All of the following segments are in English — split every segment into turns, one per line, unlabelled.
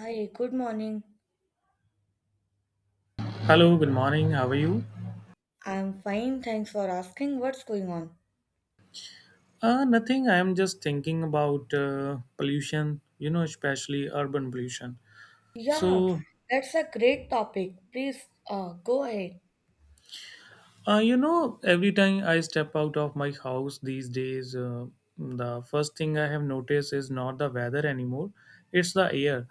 Hi, good morning.
Hello, good morning. How are you?
I'm fine, thanks for asking. What's going on?
Nothing. I am just thinking about pollution, you know, especially urban pollution.
Yeah,
So,
that's a great topic. Please, go ahead.
you know, every time I step out of my house these days, the first thing I have noticed is not the weather anymore, it's the air.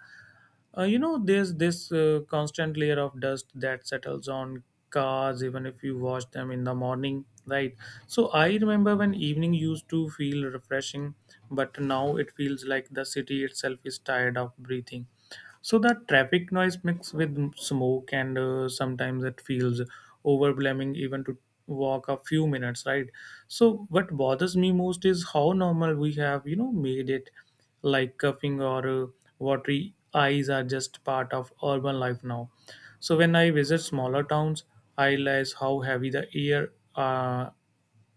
You know, there's this constant layer of dust that settles on cars even if you wash them in the morning, right? So I remember when evening used to feel refreshing, but now it feels like the city itself is tired of breathing. So that traffic noise mixed with smoke, and sometimes it feels overwhelming even to walk a few minutes, right? So what bothers me most is how normal we have, you know, made it. Like coughing or watery eyes are just part of urban life now. So when I visit smaller towns, I realize how heavy the air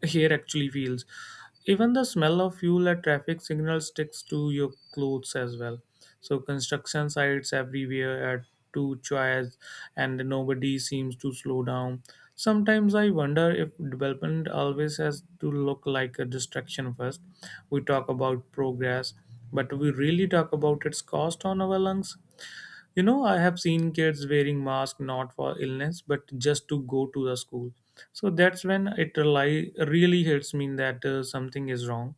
hair actually feels. Even the smell of fuel at traffic signals sticks to your clothes as well. So construction sites everywhere at two choice and nobody seems to slow down. Sometimes I wonder if development always has to look like a distraction first. We talk about progress, but we really talk about its cost on our lungs. You know, I have seen kids wearing masks not for illness, but just to go to the school. So that's when it really hits me that something is wrong.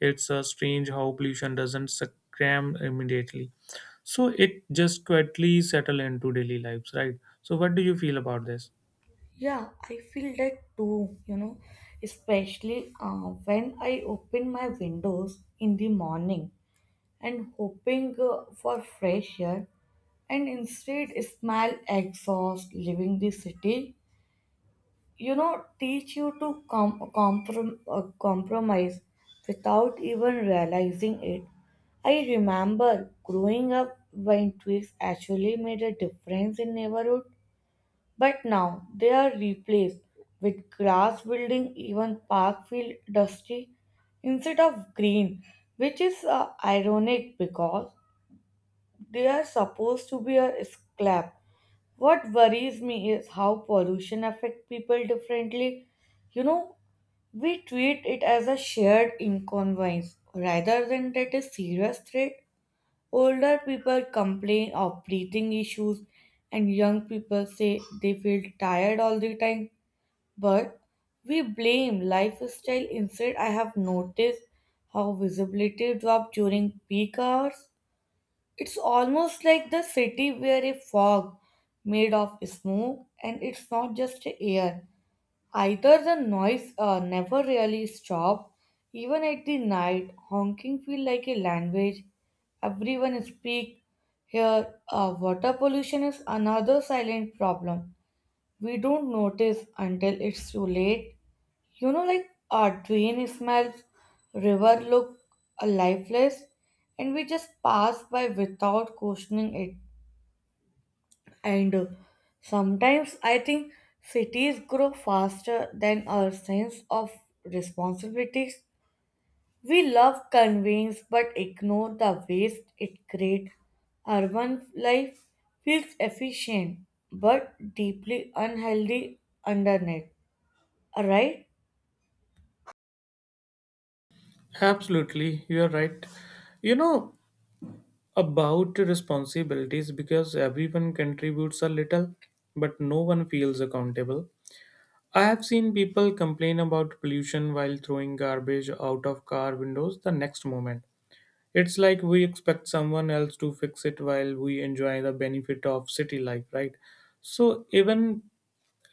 It's strange how pollution doesn't succumb immediately. So it just quietly settle into daily lives, right? So what do you feel about this?
Yeah, I feel that too, you know, especially when I open my windows in the morning and hoping for fresh air and instead smell exhaust leaving the city, you know, teach you to compromise without even realizing it. I remember growing up when tweaks actually made a difference in neighborhood, but now they are replaced with grass building, even park feel dusty instead of green, which is ironic because they are supposed to be a scrap. What worries me is how pollution affects people differently. You know, we treat it as a shared inconvenience rather than that a serious threat. Older people complain of breathing issues, and young people say they feel tired all the time. But we blame lifestyle. Instead, I have noticed how visibility drops during peak hours. It's almost like the city were a fog made of smoke, and it's not just air. Either the noise never really stopped, even at the night, honking feel like a language. Everyone speak here. Water pollution is another silent problem. We don't notice until it's too late. You know, like Dwayne Ismail's river looked lifeless, and we just passed by without questioning it. And sometimes I think cities grow faster than our sense of responsibilities. We love convenience but ignore the waste it creates. Urban life feels efficient but deeply unhealthy underneath, right?
Absolutely, you are right. You know about responsibilities because everyone contributes a little, but no one feels accountable. I have seen people complain about pollution while throwing garbage out of car windows the next moment. It's like we expect someone else to fix it while we enjoy the benefit of city life, right? So even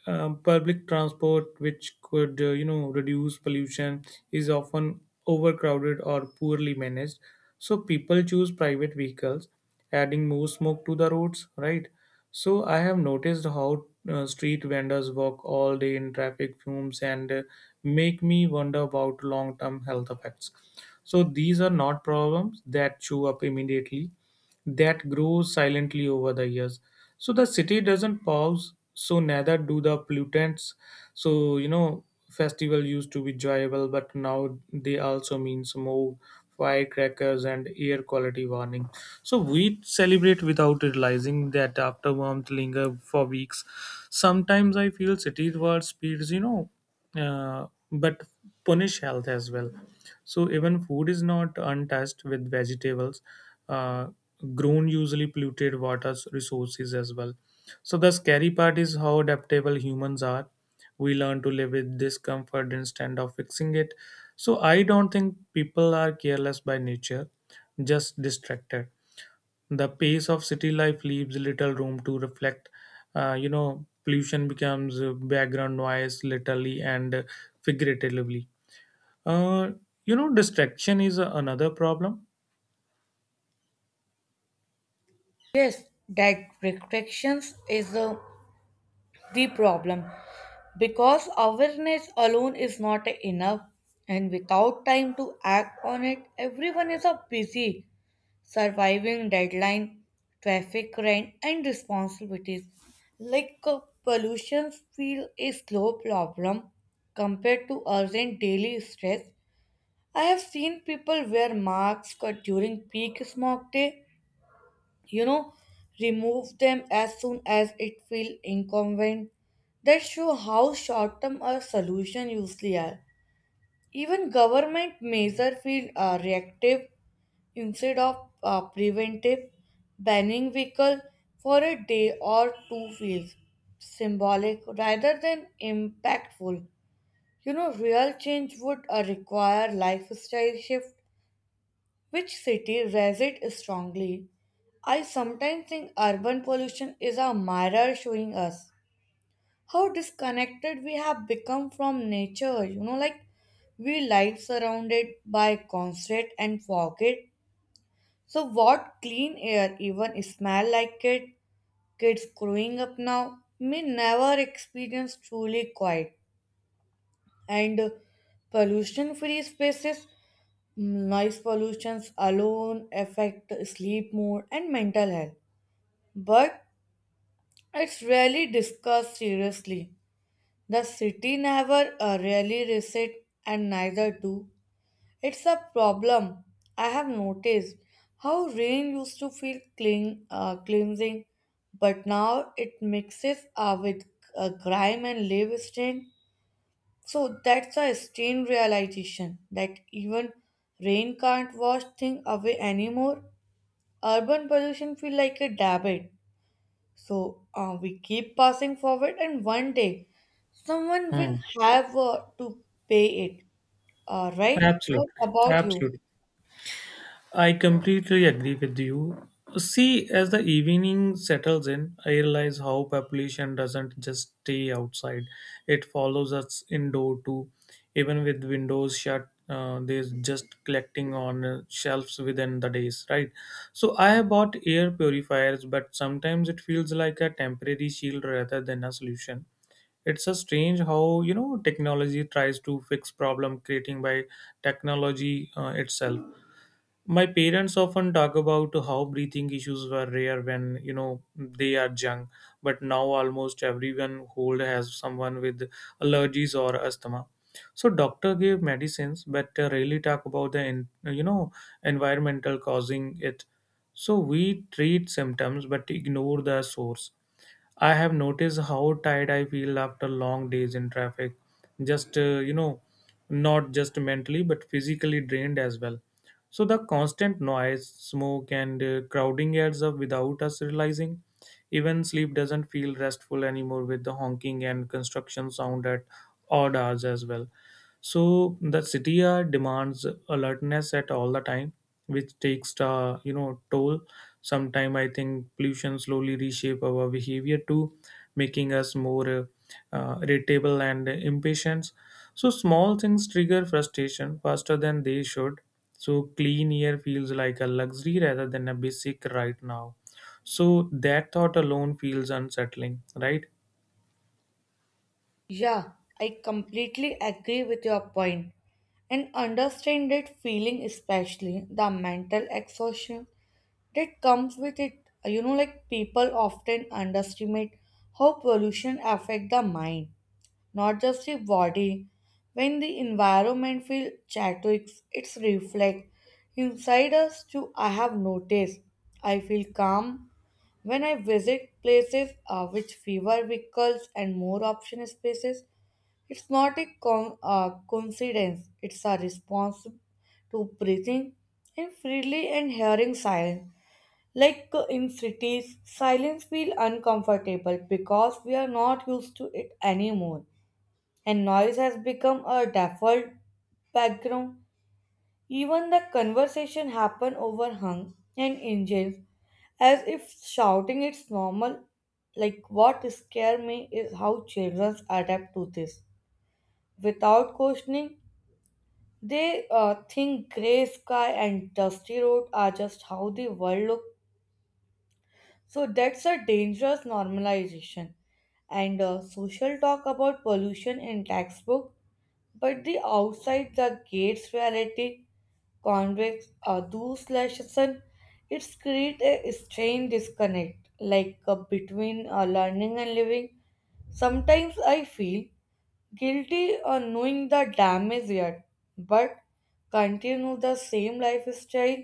public transport, which could you know reduce pollution, is often overcrowded or poorly managed. So people choose private vehicles, adding more smoke to the roads. Right. So I have noticed how street vendors walk all day in traffic fumes and make me wonder about long-term health effects. So these are not problems that show up immediately that grew silently over the years. So the city doesn't pause, so neither do the pollutants. So you know, festival used to be joyful, but now they also mean smoke, firecrackers, and air quality warning. So we celebrate without realizing that afterwarmth linger for weeks. Sometimes I feel city world speeds, you know, but punish health as well. So even food is not untouched with vegetables, uh, grown usually polluted water resources as well. So the scary part is how adaptable humans are. We learn to live with discomfort instead of fixing it. So I don't think people are careless by nature, just distracted. The pace of city life leaves little room to reflect. You know, pollution becomes background noise, literally and figuratively uh, you know, distraction is another problem.
Yes, directions is the problem because awareness alone is not enough, and without time to act on it, everyone is a busy surviving deadline, traffic rent, and responsibilities. Like pollution feel a slow problem compared to urgent daily stress. I have seen people wear masks during peak smog day, you know, remove them as soon as it feels incumbent. That show how short-term a solution usually are. Even government measure feel reactive instead of preventive. Banning vehicle for a day or two feels symbolic rather than impactful. You know, real change would require lifestyle shift, which city resists strongly? I sometimes think urban pollution is a mirror showing us how disconnected we have become from nature. You know, like we live surrounded by concrete and forget. So, what clean air even smell like it? Kids growing up now may never experience truly quiet and pollution free spaces. Noise pollutions alone affect sleep mood and mental health, but it's rarely discussed seriously. The city never really resets, and neither do. It's a problem. I have noticed how rain used to feel clean, cleansing, but now it mixes with grime and leaf stain. So that's a stain realization that even rain can't wash things away anymore. Urban pollution feel like a debit. So we keep passing forward and one day someone
Hmm.
will have to pay it. Right? What
Absolutely.
about you?
Absolutely. I completely agree with you. See, as the evening settles in, I realize how population doesn't just stay outside. It follows us indoor too. Even with windows shut, they're just collecting on shelves within the days, right? So I have bought air purifiers, but sometimes it feels like a temporary shield rather than a solution. It's a strange how you know technology tries to fix problem creating by technology itself. My parents often talk about how breathing issues were rare when you know they are young, but now almost everyone old has someone with allergies or asthma. So doctor gave medicines but rarely talk about the you know environmental causing it. So we treat symptoms but ignore the source. I have noticed how tired I feel after long days in traffic. You know, not just mentally, but physically drained as well. So the constant noise, smoke, and crowding adds up without us realizing. Even sleep doesn't feel restful anymore with the honking and construction sound at odd hours as well. So the city demands alertness at all the time, which takes the you know toll. Sometime I think pollution slowly reshape our behavior too, making us more irritable and impatient. So small things trigger frustration faster than they should. So clean air feels like a luxury rather than a basic right now. So that thought alone feels unsettling, right?
Yeah, I completely agree with your point and understand that feeling, especially the mental exhaustion that comes with it. You know, like people often underestimate how pollution affect the mind, not just the body. When the environment feels chaotic, it's reflect inside us too. I have noticed. I feel calm when I visit places with fewer vehicles and more option spaces. It's not a coincidence. It's a response to breathing and freely and hearing silence. Like in cities, silence feels uncomfortable because we are not used to it anymore and noise has become a default background. Even the conversation happen over hum and engines as if shouting is normal. Like what scare me is how children adapt to this. Without questioning, they think gray sky and dusty road are just how the world looks. So that's a dangerous normalization. And social talk about pollution in textbook. But the outside the gates reality, convex those slash sun, it's create a strange disconnect, like between learning and living. Sometimes I feel guilty on knowing the damage yet, but continue the same lifestyle.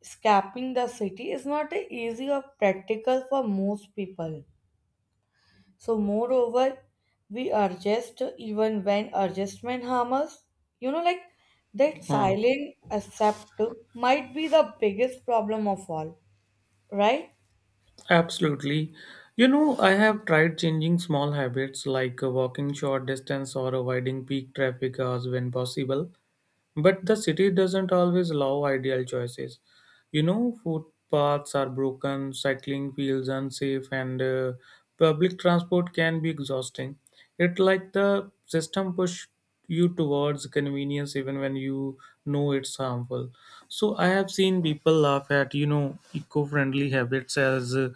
Escaping the city is not easy or practical for most people. So, moreover, we adjust even when adjustment harm us. You know, like that
Hmm.
silent accept might be the biggest problem of all, right?
Absolutely. You know, I have tried changing small habits like walking short distance or avoiding peak traffic hours when possible, but the city doesn't always allow ideal choices. You know, footpaths are broken, cycling fields unsafe, and public transport can be exhausting. It like the system push you towards convenience even when you know it's harmful. So I have seen people laugh at you know eco-friendly habits as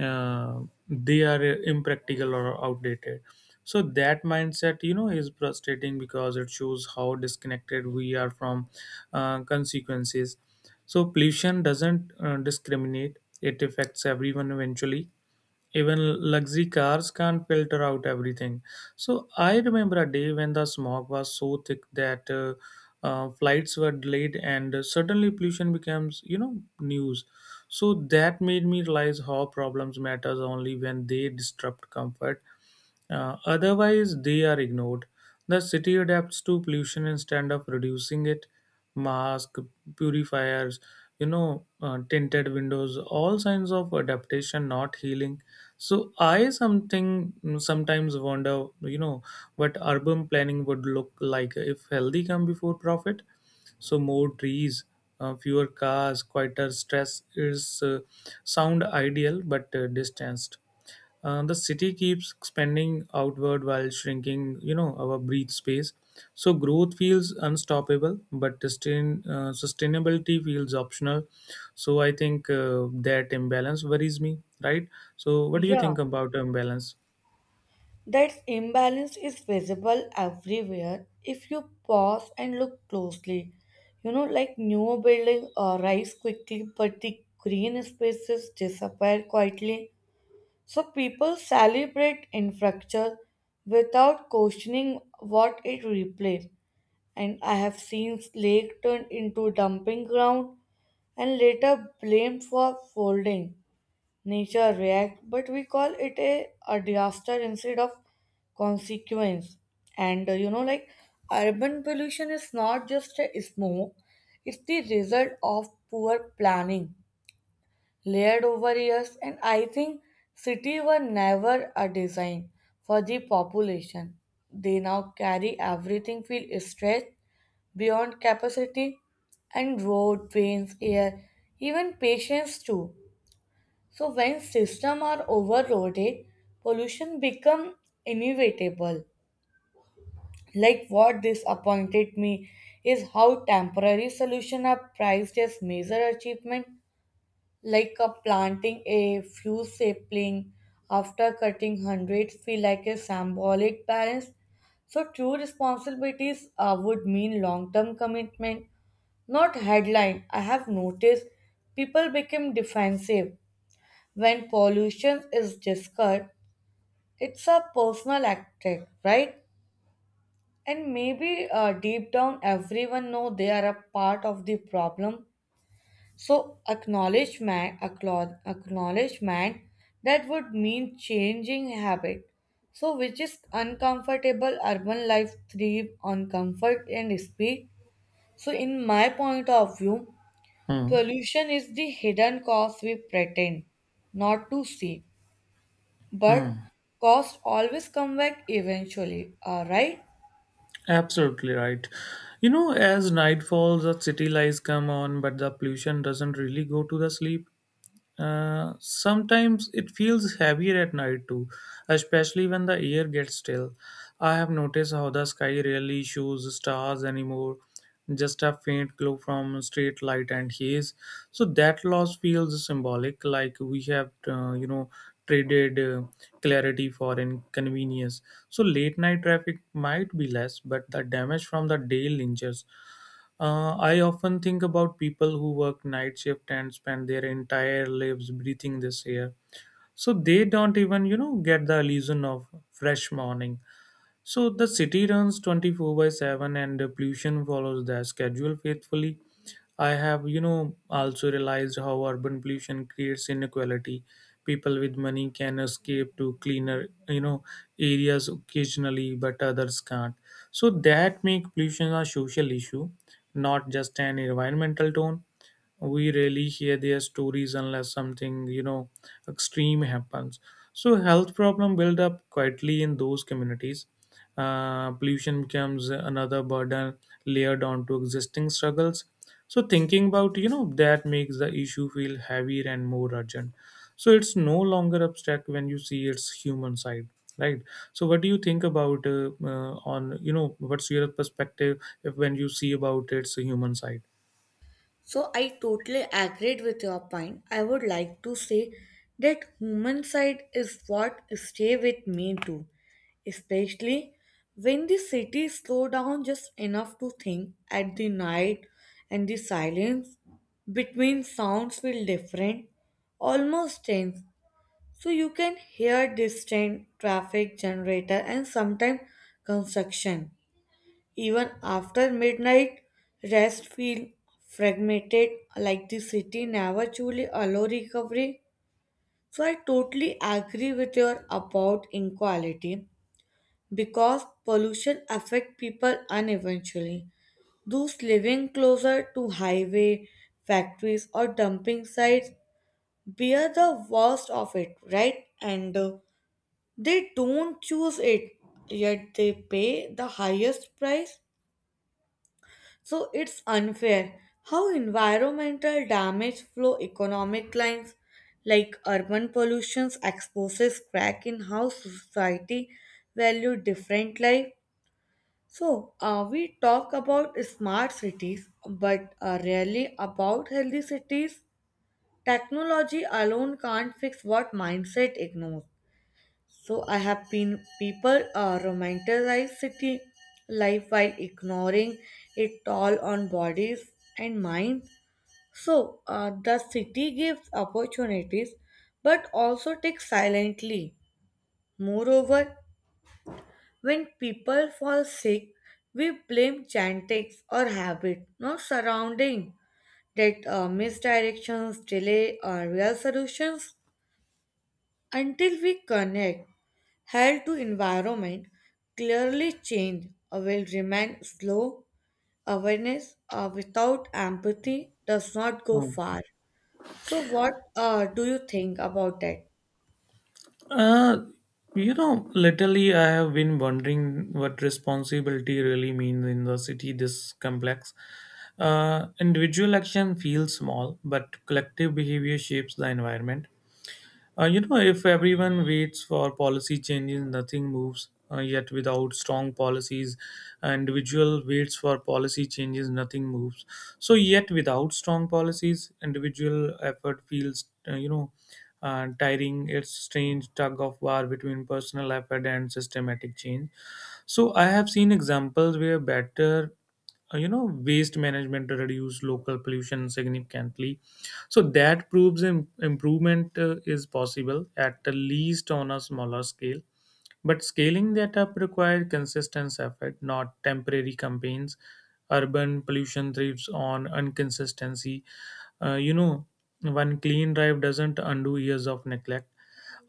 uh, they are impractical or outdated. So that mindset, you know, is frustrating because it shows how disconnected we are from consequences. So pollution doesn't discriminate; it affects everyone eventually. Even luxury cars can't filter out everything. So I remember a day when the smog was so thick that flights were delayed, and suddenly pollution becomes, you know, news. So that made me realize how problems matters only when they disrupt comfort. Otherwise, they are ignored. The city adapts to pollution instead of reducing it. Mask, purifiers, you know, tinted windows, all signs of adaptation, not healing. So I something sometimes wonder, you know, what urban planning would look like if healthy come before profit. So more trees, fewer cars, quieter stress is sound ideal but distanced. The city keeps expanding outward while shrinking, you know, our breathe space. So growth feels unstoppable, but sustainability feels optional. So I think that imbalance worries me, right? So what do you
Yeah,
think about the imbalance?
that imbalance is visible everywhere if you pause and look closely. You know, like new building rise quickly, but the green spaces disappear quietly. So people celebrate infrastructure without questioning what it replaced. And I have seen lake turned into dumping ground and later blamed for folding. Nature react, but we call it a disaster instead of consequence. And you know, like urban pollution is not just a smoke; it's the result of poor planning layered over years. And I think cities were never a design for the population they now carry. Everything feel stretched beyond capacity, and road trains air, even patience too. So when systems are overloaded, pollution become inevitable. Like what disappointed me is how temporary solutions are priced as major achievement. Like a planting a few sapling after cutting hundreds feel like a symbolic balance. So true responsibilities would mean long-term commitment, not headline. I have noticed people become defensive when pollution is discussed. It's a personal attack, right? And maybe deep down, everyone know they are a part of the problem. So acknowledgement, acknowledgement, that would mean changing habit. So which is uncomfortable. Urban life thrive on comfort and speed. So in my point of view,
Hmm.
pollution is the hidden cause we pretend not to see, but
Hmm.
cost always come back eventually. All right.
Absolutely right. You know, as night falls, the city lights come on, but the pollution doesn't really go to the sleep. Sometimes it feels heavier at night too, especially when the air gets still. I have noticed how the sky rarely shows stars anymore, just a faint glow from street light and haze. So that loss feels symbolic, like we have, you know, traded clarity for inconvenience. So late night traffic might be less, but the damage from the day lingers. I often think about people who work night shift and spend their entire lives breathing this air. So they don't even, you know, get the illusion of fresh morning. So the city runs 24/7 and the pollution follows their schedule faithfully. I have, you know, also realized how urban pollution creates inequality. People with money can escape to cleaner, you know, areas occasionally, but others can't. So that make pollution a social issue, not just an environmental tone. We rarely hear their stories unless something you know extreme happens. So health problem build up quietly in those communities. Pollution becomes another burden layered onto existing struggles. So thinking about you know that makes the issue feel heavier and more urgent. So it's no longer abstract when you see its human side, right? So what do you think about on you know what's your perspective if when you see about its human side?
So I totally agreed with your point. I would like to say that human side is what stay with me too, especially when the city slow down just enough to think at the night and the silence between sounds feel different, almost tense. So you can hear distant traffic generator and sometimes construction. Even after midnight, rest feel fragmented, like the city never truly allow recovery. So I totally agree with your about inequality because pollution affect people uneventually. Those living closer to highway, factories or dumping sites bear the worst of it, right? And they don't choose it, yet they pay the highest price. So it's unfair how environmental damage flow economic lines. Like urban pollution exposes crack in how society value different life. So we talk about smart cities but rarely about healthy cities. Technology alone can't fix what mindset ignores. So I have been people romanticize city life while ignoring it toll on bodies and mind. So the city gives opportunities but also takes silently. Moreover, when people fall sick, we blame genetics or habit, not surrounding. That misdirections delay our real solutions until we connect. Health to environment clearly change will remain slow. Awareness without empathy does not go far. So, what do you think about that?
Uh, you know, lately I have been wondering what responsibility really means in the city this complex. Individual action feels small, but collective behavior shapes the environment. You know, if everyone waits for policy changes, nothing moves. Yet, without strong policies, an individual waits for policy changes, nothing moves. So, yet without strong policies, individual effort feels, you know, tiring. It's strange tug of war between personal effort and systematic change. So I have seen examples where better, you know, waste management reduce local pollution significantly. So that proves improvement is possible at the least on a smaller scale. But scaling that up required consistent effort, not temporary campaigns. Urban pollution thrives on inconsistency. You know, one clean drive doesn't undo years of neglect.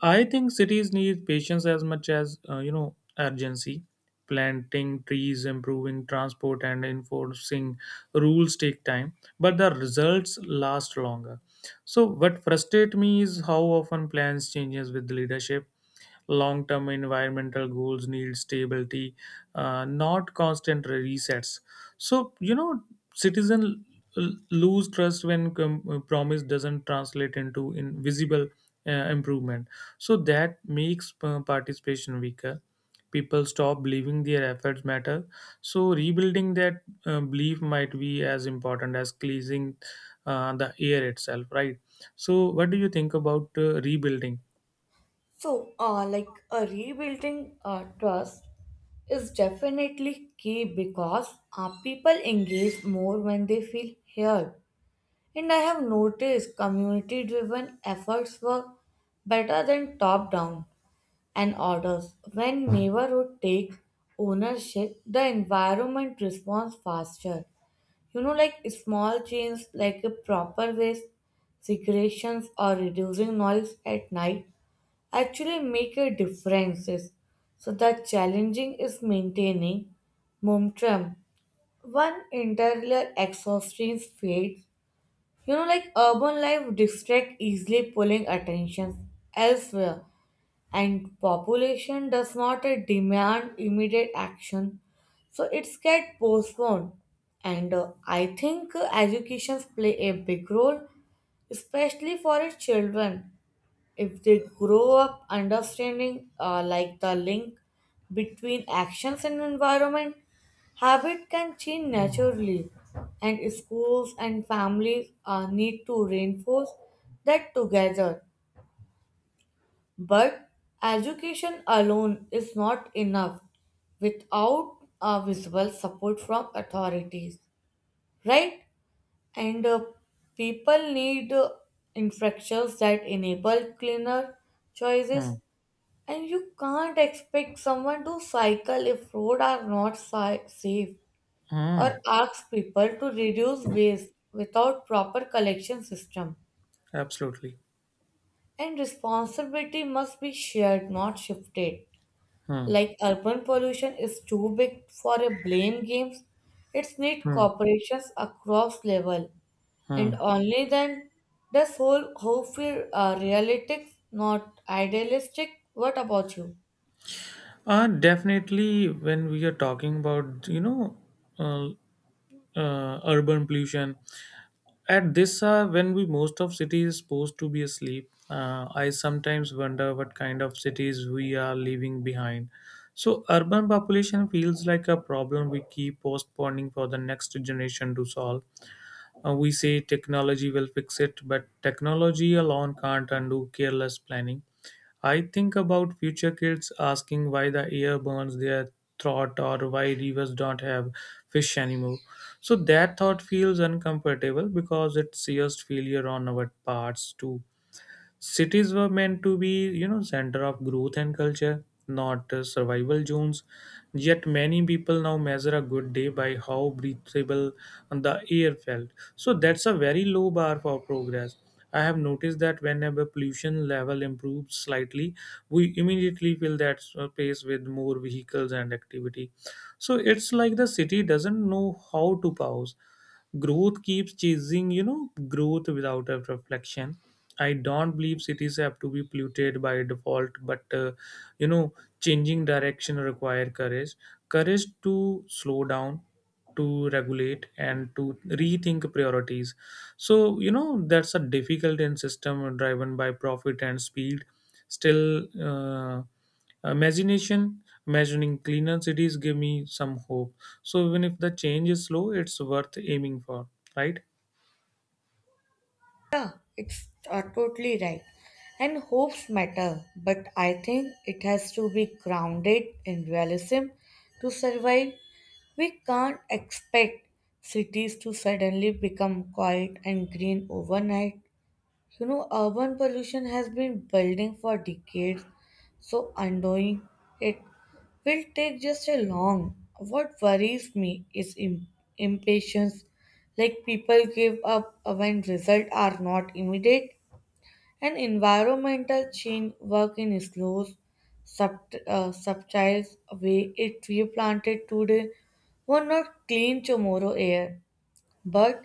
I think cities need patience as much as you know urgency. Planting trees, improving transport, and enforcing rules take time, but the results last longer. So what frustrates me is how often plans changes with leadership. Long-term environmental goals need stability, not constant resets. So you know, citizen lose trust when promise doesn't translate into invisible improvement. So that makes participation weaker. People stop believing their efforts matter. So rebuilding that belief might be as important as cleansing the air itself, right? So, what do you think about rebuilding?
So, like rebuilding trust is definitely key because people engage more when they feel heard. And I have noticed community driven efforts work better than top down and orders. When neighborhood take ownership, the environment responds faster. You know, like small changes like a proper waste segregations or reducing noise at night actually make a differences. So the challenging is maintaining momentum. One interior exhaustion fades. You know, like urban life distract easily, pulling attention elsewhere, and population does not demand immediate action, so it's get postponed. And I think educations play a big role, especially for its children. If they grow up understanding like the link between actions and environment, habit can change naturally, and schools and families need to reinforce that together. But education alone is not enough without a visible support from authorities, right? And people need infrastructures that enable cleaner choices,
Hmm.
and you can't expect someone to cycle if roads are not safe, or
Hmm.
ask people to reduce waste without proper collection system.
Absolutely.
And responsibility must be shared, not shifted.
Hmm.
Like urban pollution is too big for a blame games. It's need
Hmm.
corporations across level, and
Hmm.
only then does whole hope feel realistic, not idealistic. What about you?
Definitely, when we are talking about, uh, urban pollution, at this hour, when we most of cities is supposed to be asleep, I sometimes wonder what kind of cities we are leaving behind. So, urban population feels like a problem we keep postponing for the next generation to solve. We say technology will fix it, but technology alone can't undo careless planning. I think about future kids asking why the air burns their throat or why rivers don't have fish anymore. So that thought feels uncomfortable because it sees failure on our parts to cities were meant to be, you know, center of growth and culture, not survival zones. Yet many people now measure a good day by how breathable the air felt. So that's a very low bar for progress. I have noticed that whenever pollution level improves slightly, we immediately fill that space with more vehicles and activity. So it's like the city doesn't know how to pause. Growth keeps chasing, you know, growth without a reflection. I don't believe cities have to be polluted by default, but you know, changing direction require courage, courage to slow down, to regulate, and to rethink priorities. So you know that's a difficult in system driven by profit and speed. Still, imagination imagining cleaner cities give me some hope. So even if the change is slow, it's worth aiming for, right?
Yeah, it's totally right, and hopes matter, but I think it has to be grounded in realism to survive. We can't expect cities to suddenly become quiet and green overnight. You know, urban pollution has been building for decades, so undoing it will take just a long. What worries me is impatience, like people give up when results are not immediate, and environmental change work in slow, subtle way. A tree planted today will not clean tomorrow air, but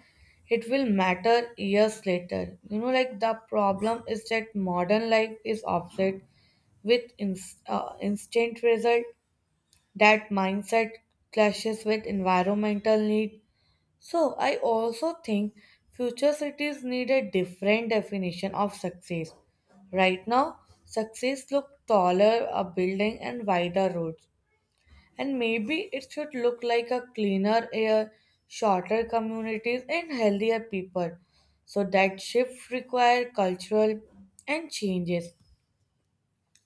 it will matter years later. You know, like the problem is that modern life is offset with instant result. That mindset clashes with environmental need. So I also think future cities need a different definition of success. Right now, success look taller, a building, and wider roads. And maybe it should look like a cleaner air, shorter communities, and healthier people. So that shift require cultural and changes.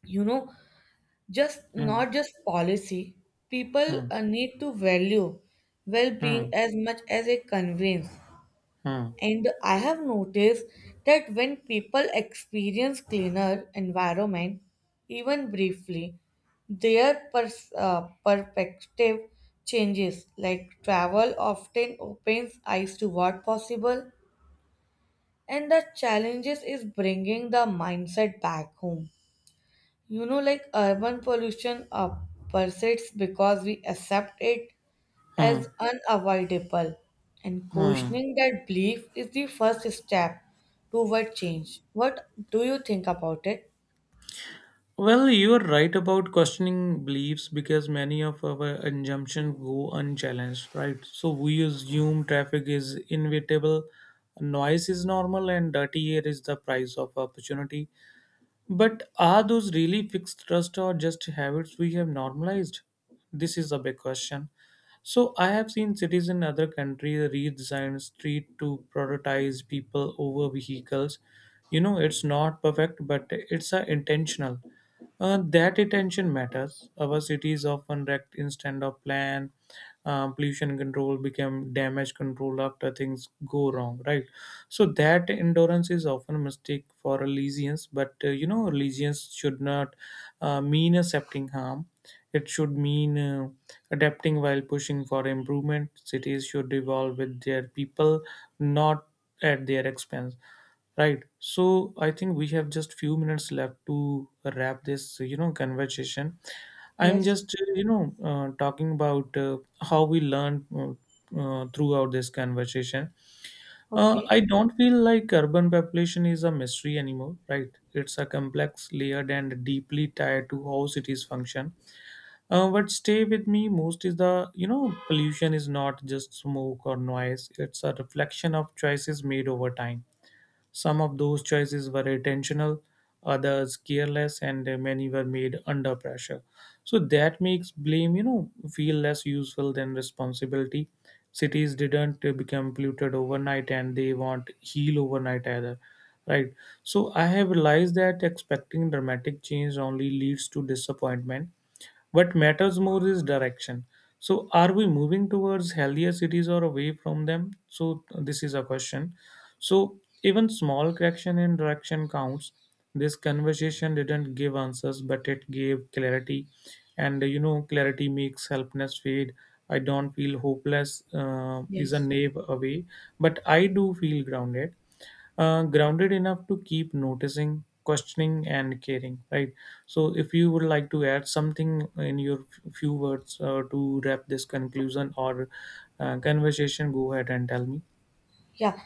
You know, just
Hmm,
not just policy. People
hmm,
need to value well-being
hmm,
as much as a convenience.
hmm,
And I have noticed that when people experience cleaner environment, even briefly, their perspective changes. Like travel often opens eyes to what possible, and the challenges is bringing the mindset back home. You know, like urban pollution persists because we accept it
hmm,
as unavoidable, and
hmm.
questioning that belief is the first step toward change. What do you think about it?
Well, you're right about questioning beliefs because many of our assumptions go unchallenged, right? So we assume traffic is inevitable, noise is normal, and dirty air is the price of opportunity. But are those really fixed trust or just habits we have normalized? This is a big question. So I have seen cities in other countries redesign street to prioritize people over vehicles. You know, it's not perfect, but it's intentional. That attention matters. Our cities often wrecked instead of plan. Pollution control became damage control after things go wrong, right? So that endurance is often a mistake for allegiance, but you know, allegiance should not mean accepting harm. It should mean adapting while pushing for improvement. Cities should evolve with their people, not at their expense. Right. So I think we have just few minutes left to wrap this, you know, conversation. I'm
Yes.
just, you know, talking about how we learn throughout this conversation.
Okay.
I don't feel like urban population is a mystery anymore, right? It's a complex, layered, and deeply tied to how cities function. What stay with me most is the, you know, pollution is not just smoke or noise. It's a reflection of choices made over time. Some of those choices were intentional, others careless, and many were made under pressure. So that makes blame, you know, feel less useful than responsibility. Cities didn't become polluted overnight, and they won't heal overnight either. Right. So I have realized that expecting dramatic change only leads to disappointment. What matters more is direction. So, are we moving towards healthier cities or away from them? So, this is a question. So, even small correction in direction counts. This conversation didn't give answers, but it gave clarity. And you know, clarity makes helplessness fade. I don't feel hopeless, is a
Yes.
naive away, but I do feel grounded, grounded enough to keep noticing, questioning, and caring. Right. So, if you would like to add something in your few words to wrap this conclusion or conversation, go ahead and tell me.
Yeah.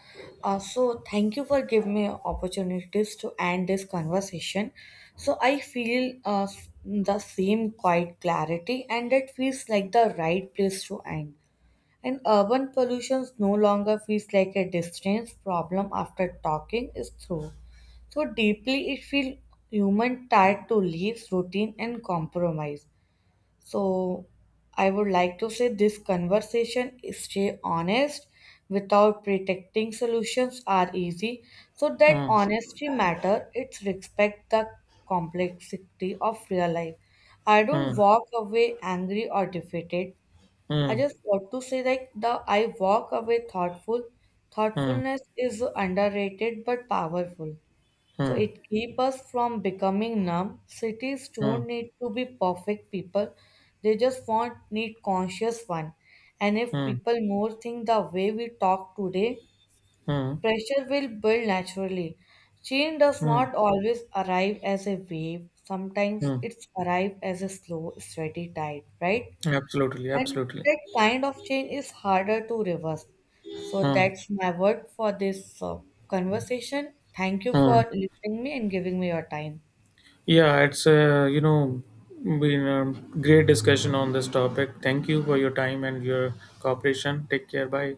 So thank you for giving me opportunities to end this conversation. So I feel the same quiet clarity, and it feels like the right place to end. And urban pollution no longer feels like a distance problem after talking is through. So deeply it feels human, tied to leaves, routine and compromise. So I would like to say this conversation is stay honest without protecting solutions are easy. So that
Mm,
honesty matter, it's respect the complexity of real life. I don't
mm,
walk away angry or defeated. I
mm,
just want to say like the I walk away thoughtful.
mm,
Thoughtfulness is underrated but powerful. So
mm,
it keeps us from becoming numb. Cities don't
mm,
need to be perfect people. They just want need conscious one. And if
mm,
people more think the way we talk today,
mm,
pressure will build naturally. Change does
mm,
not always arrive as a wave. Sometimes
mm.
it's arrive as a slow, steady tide, right?
Absolutely,
And
absolutely.
that kind of change is harder to reverse. So
Mm,
that's my word for this conversation. Thank you for
mm.
listening me and giving me your time.
Yeah, it's you know, been a great discussion on this topic. Thank you for your time and your cooperation. Take care. Bye.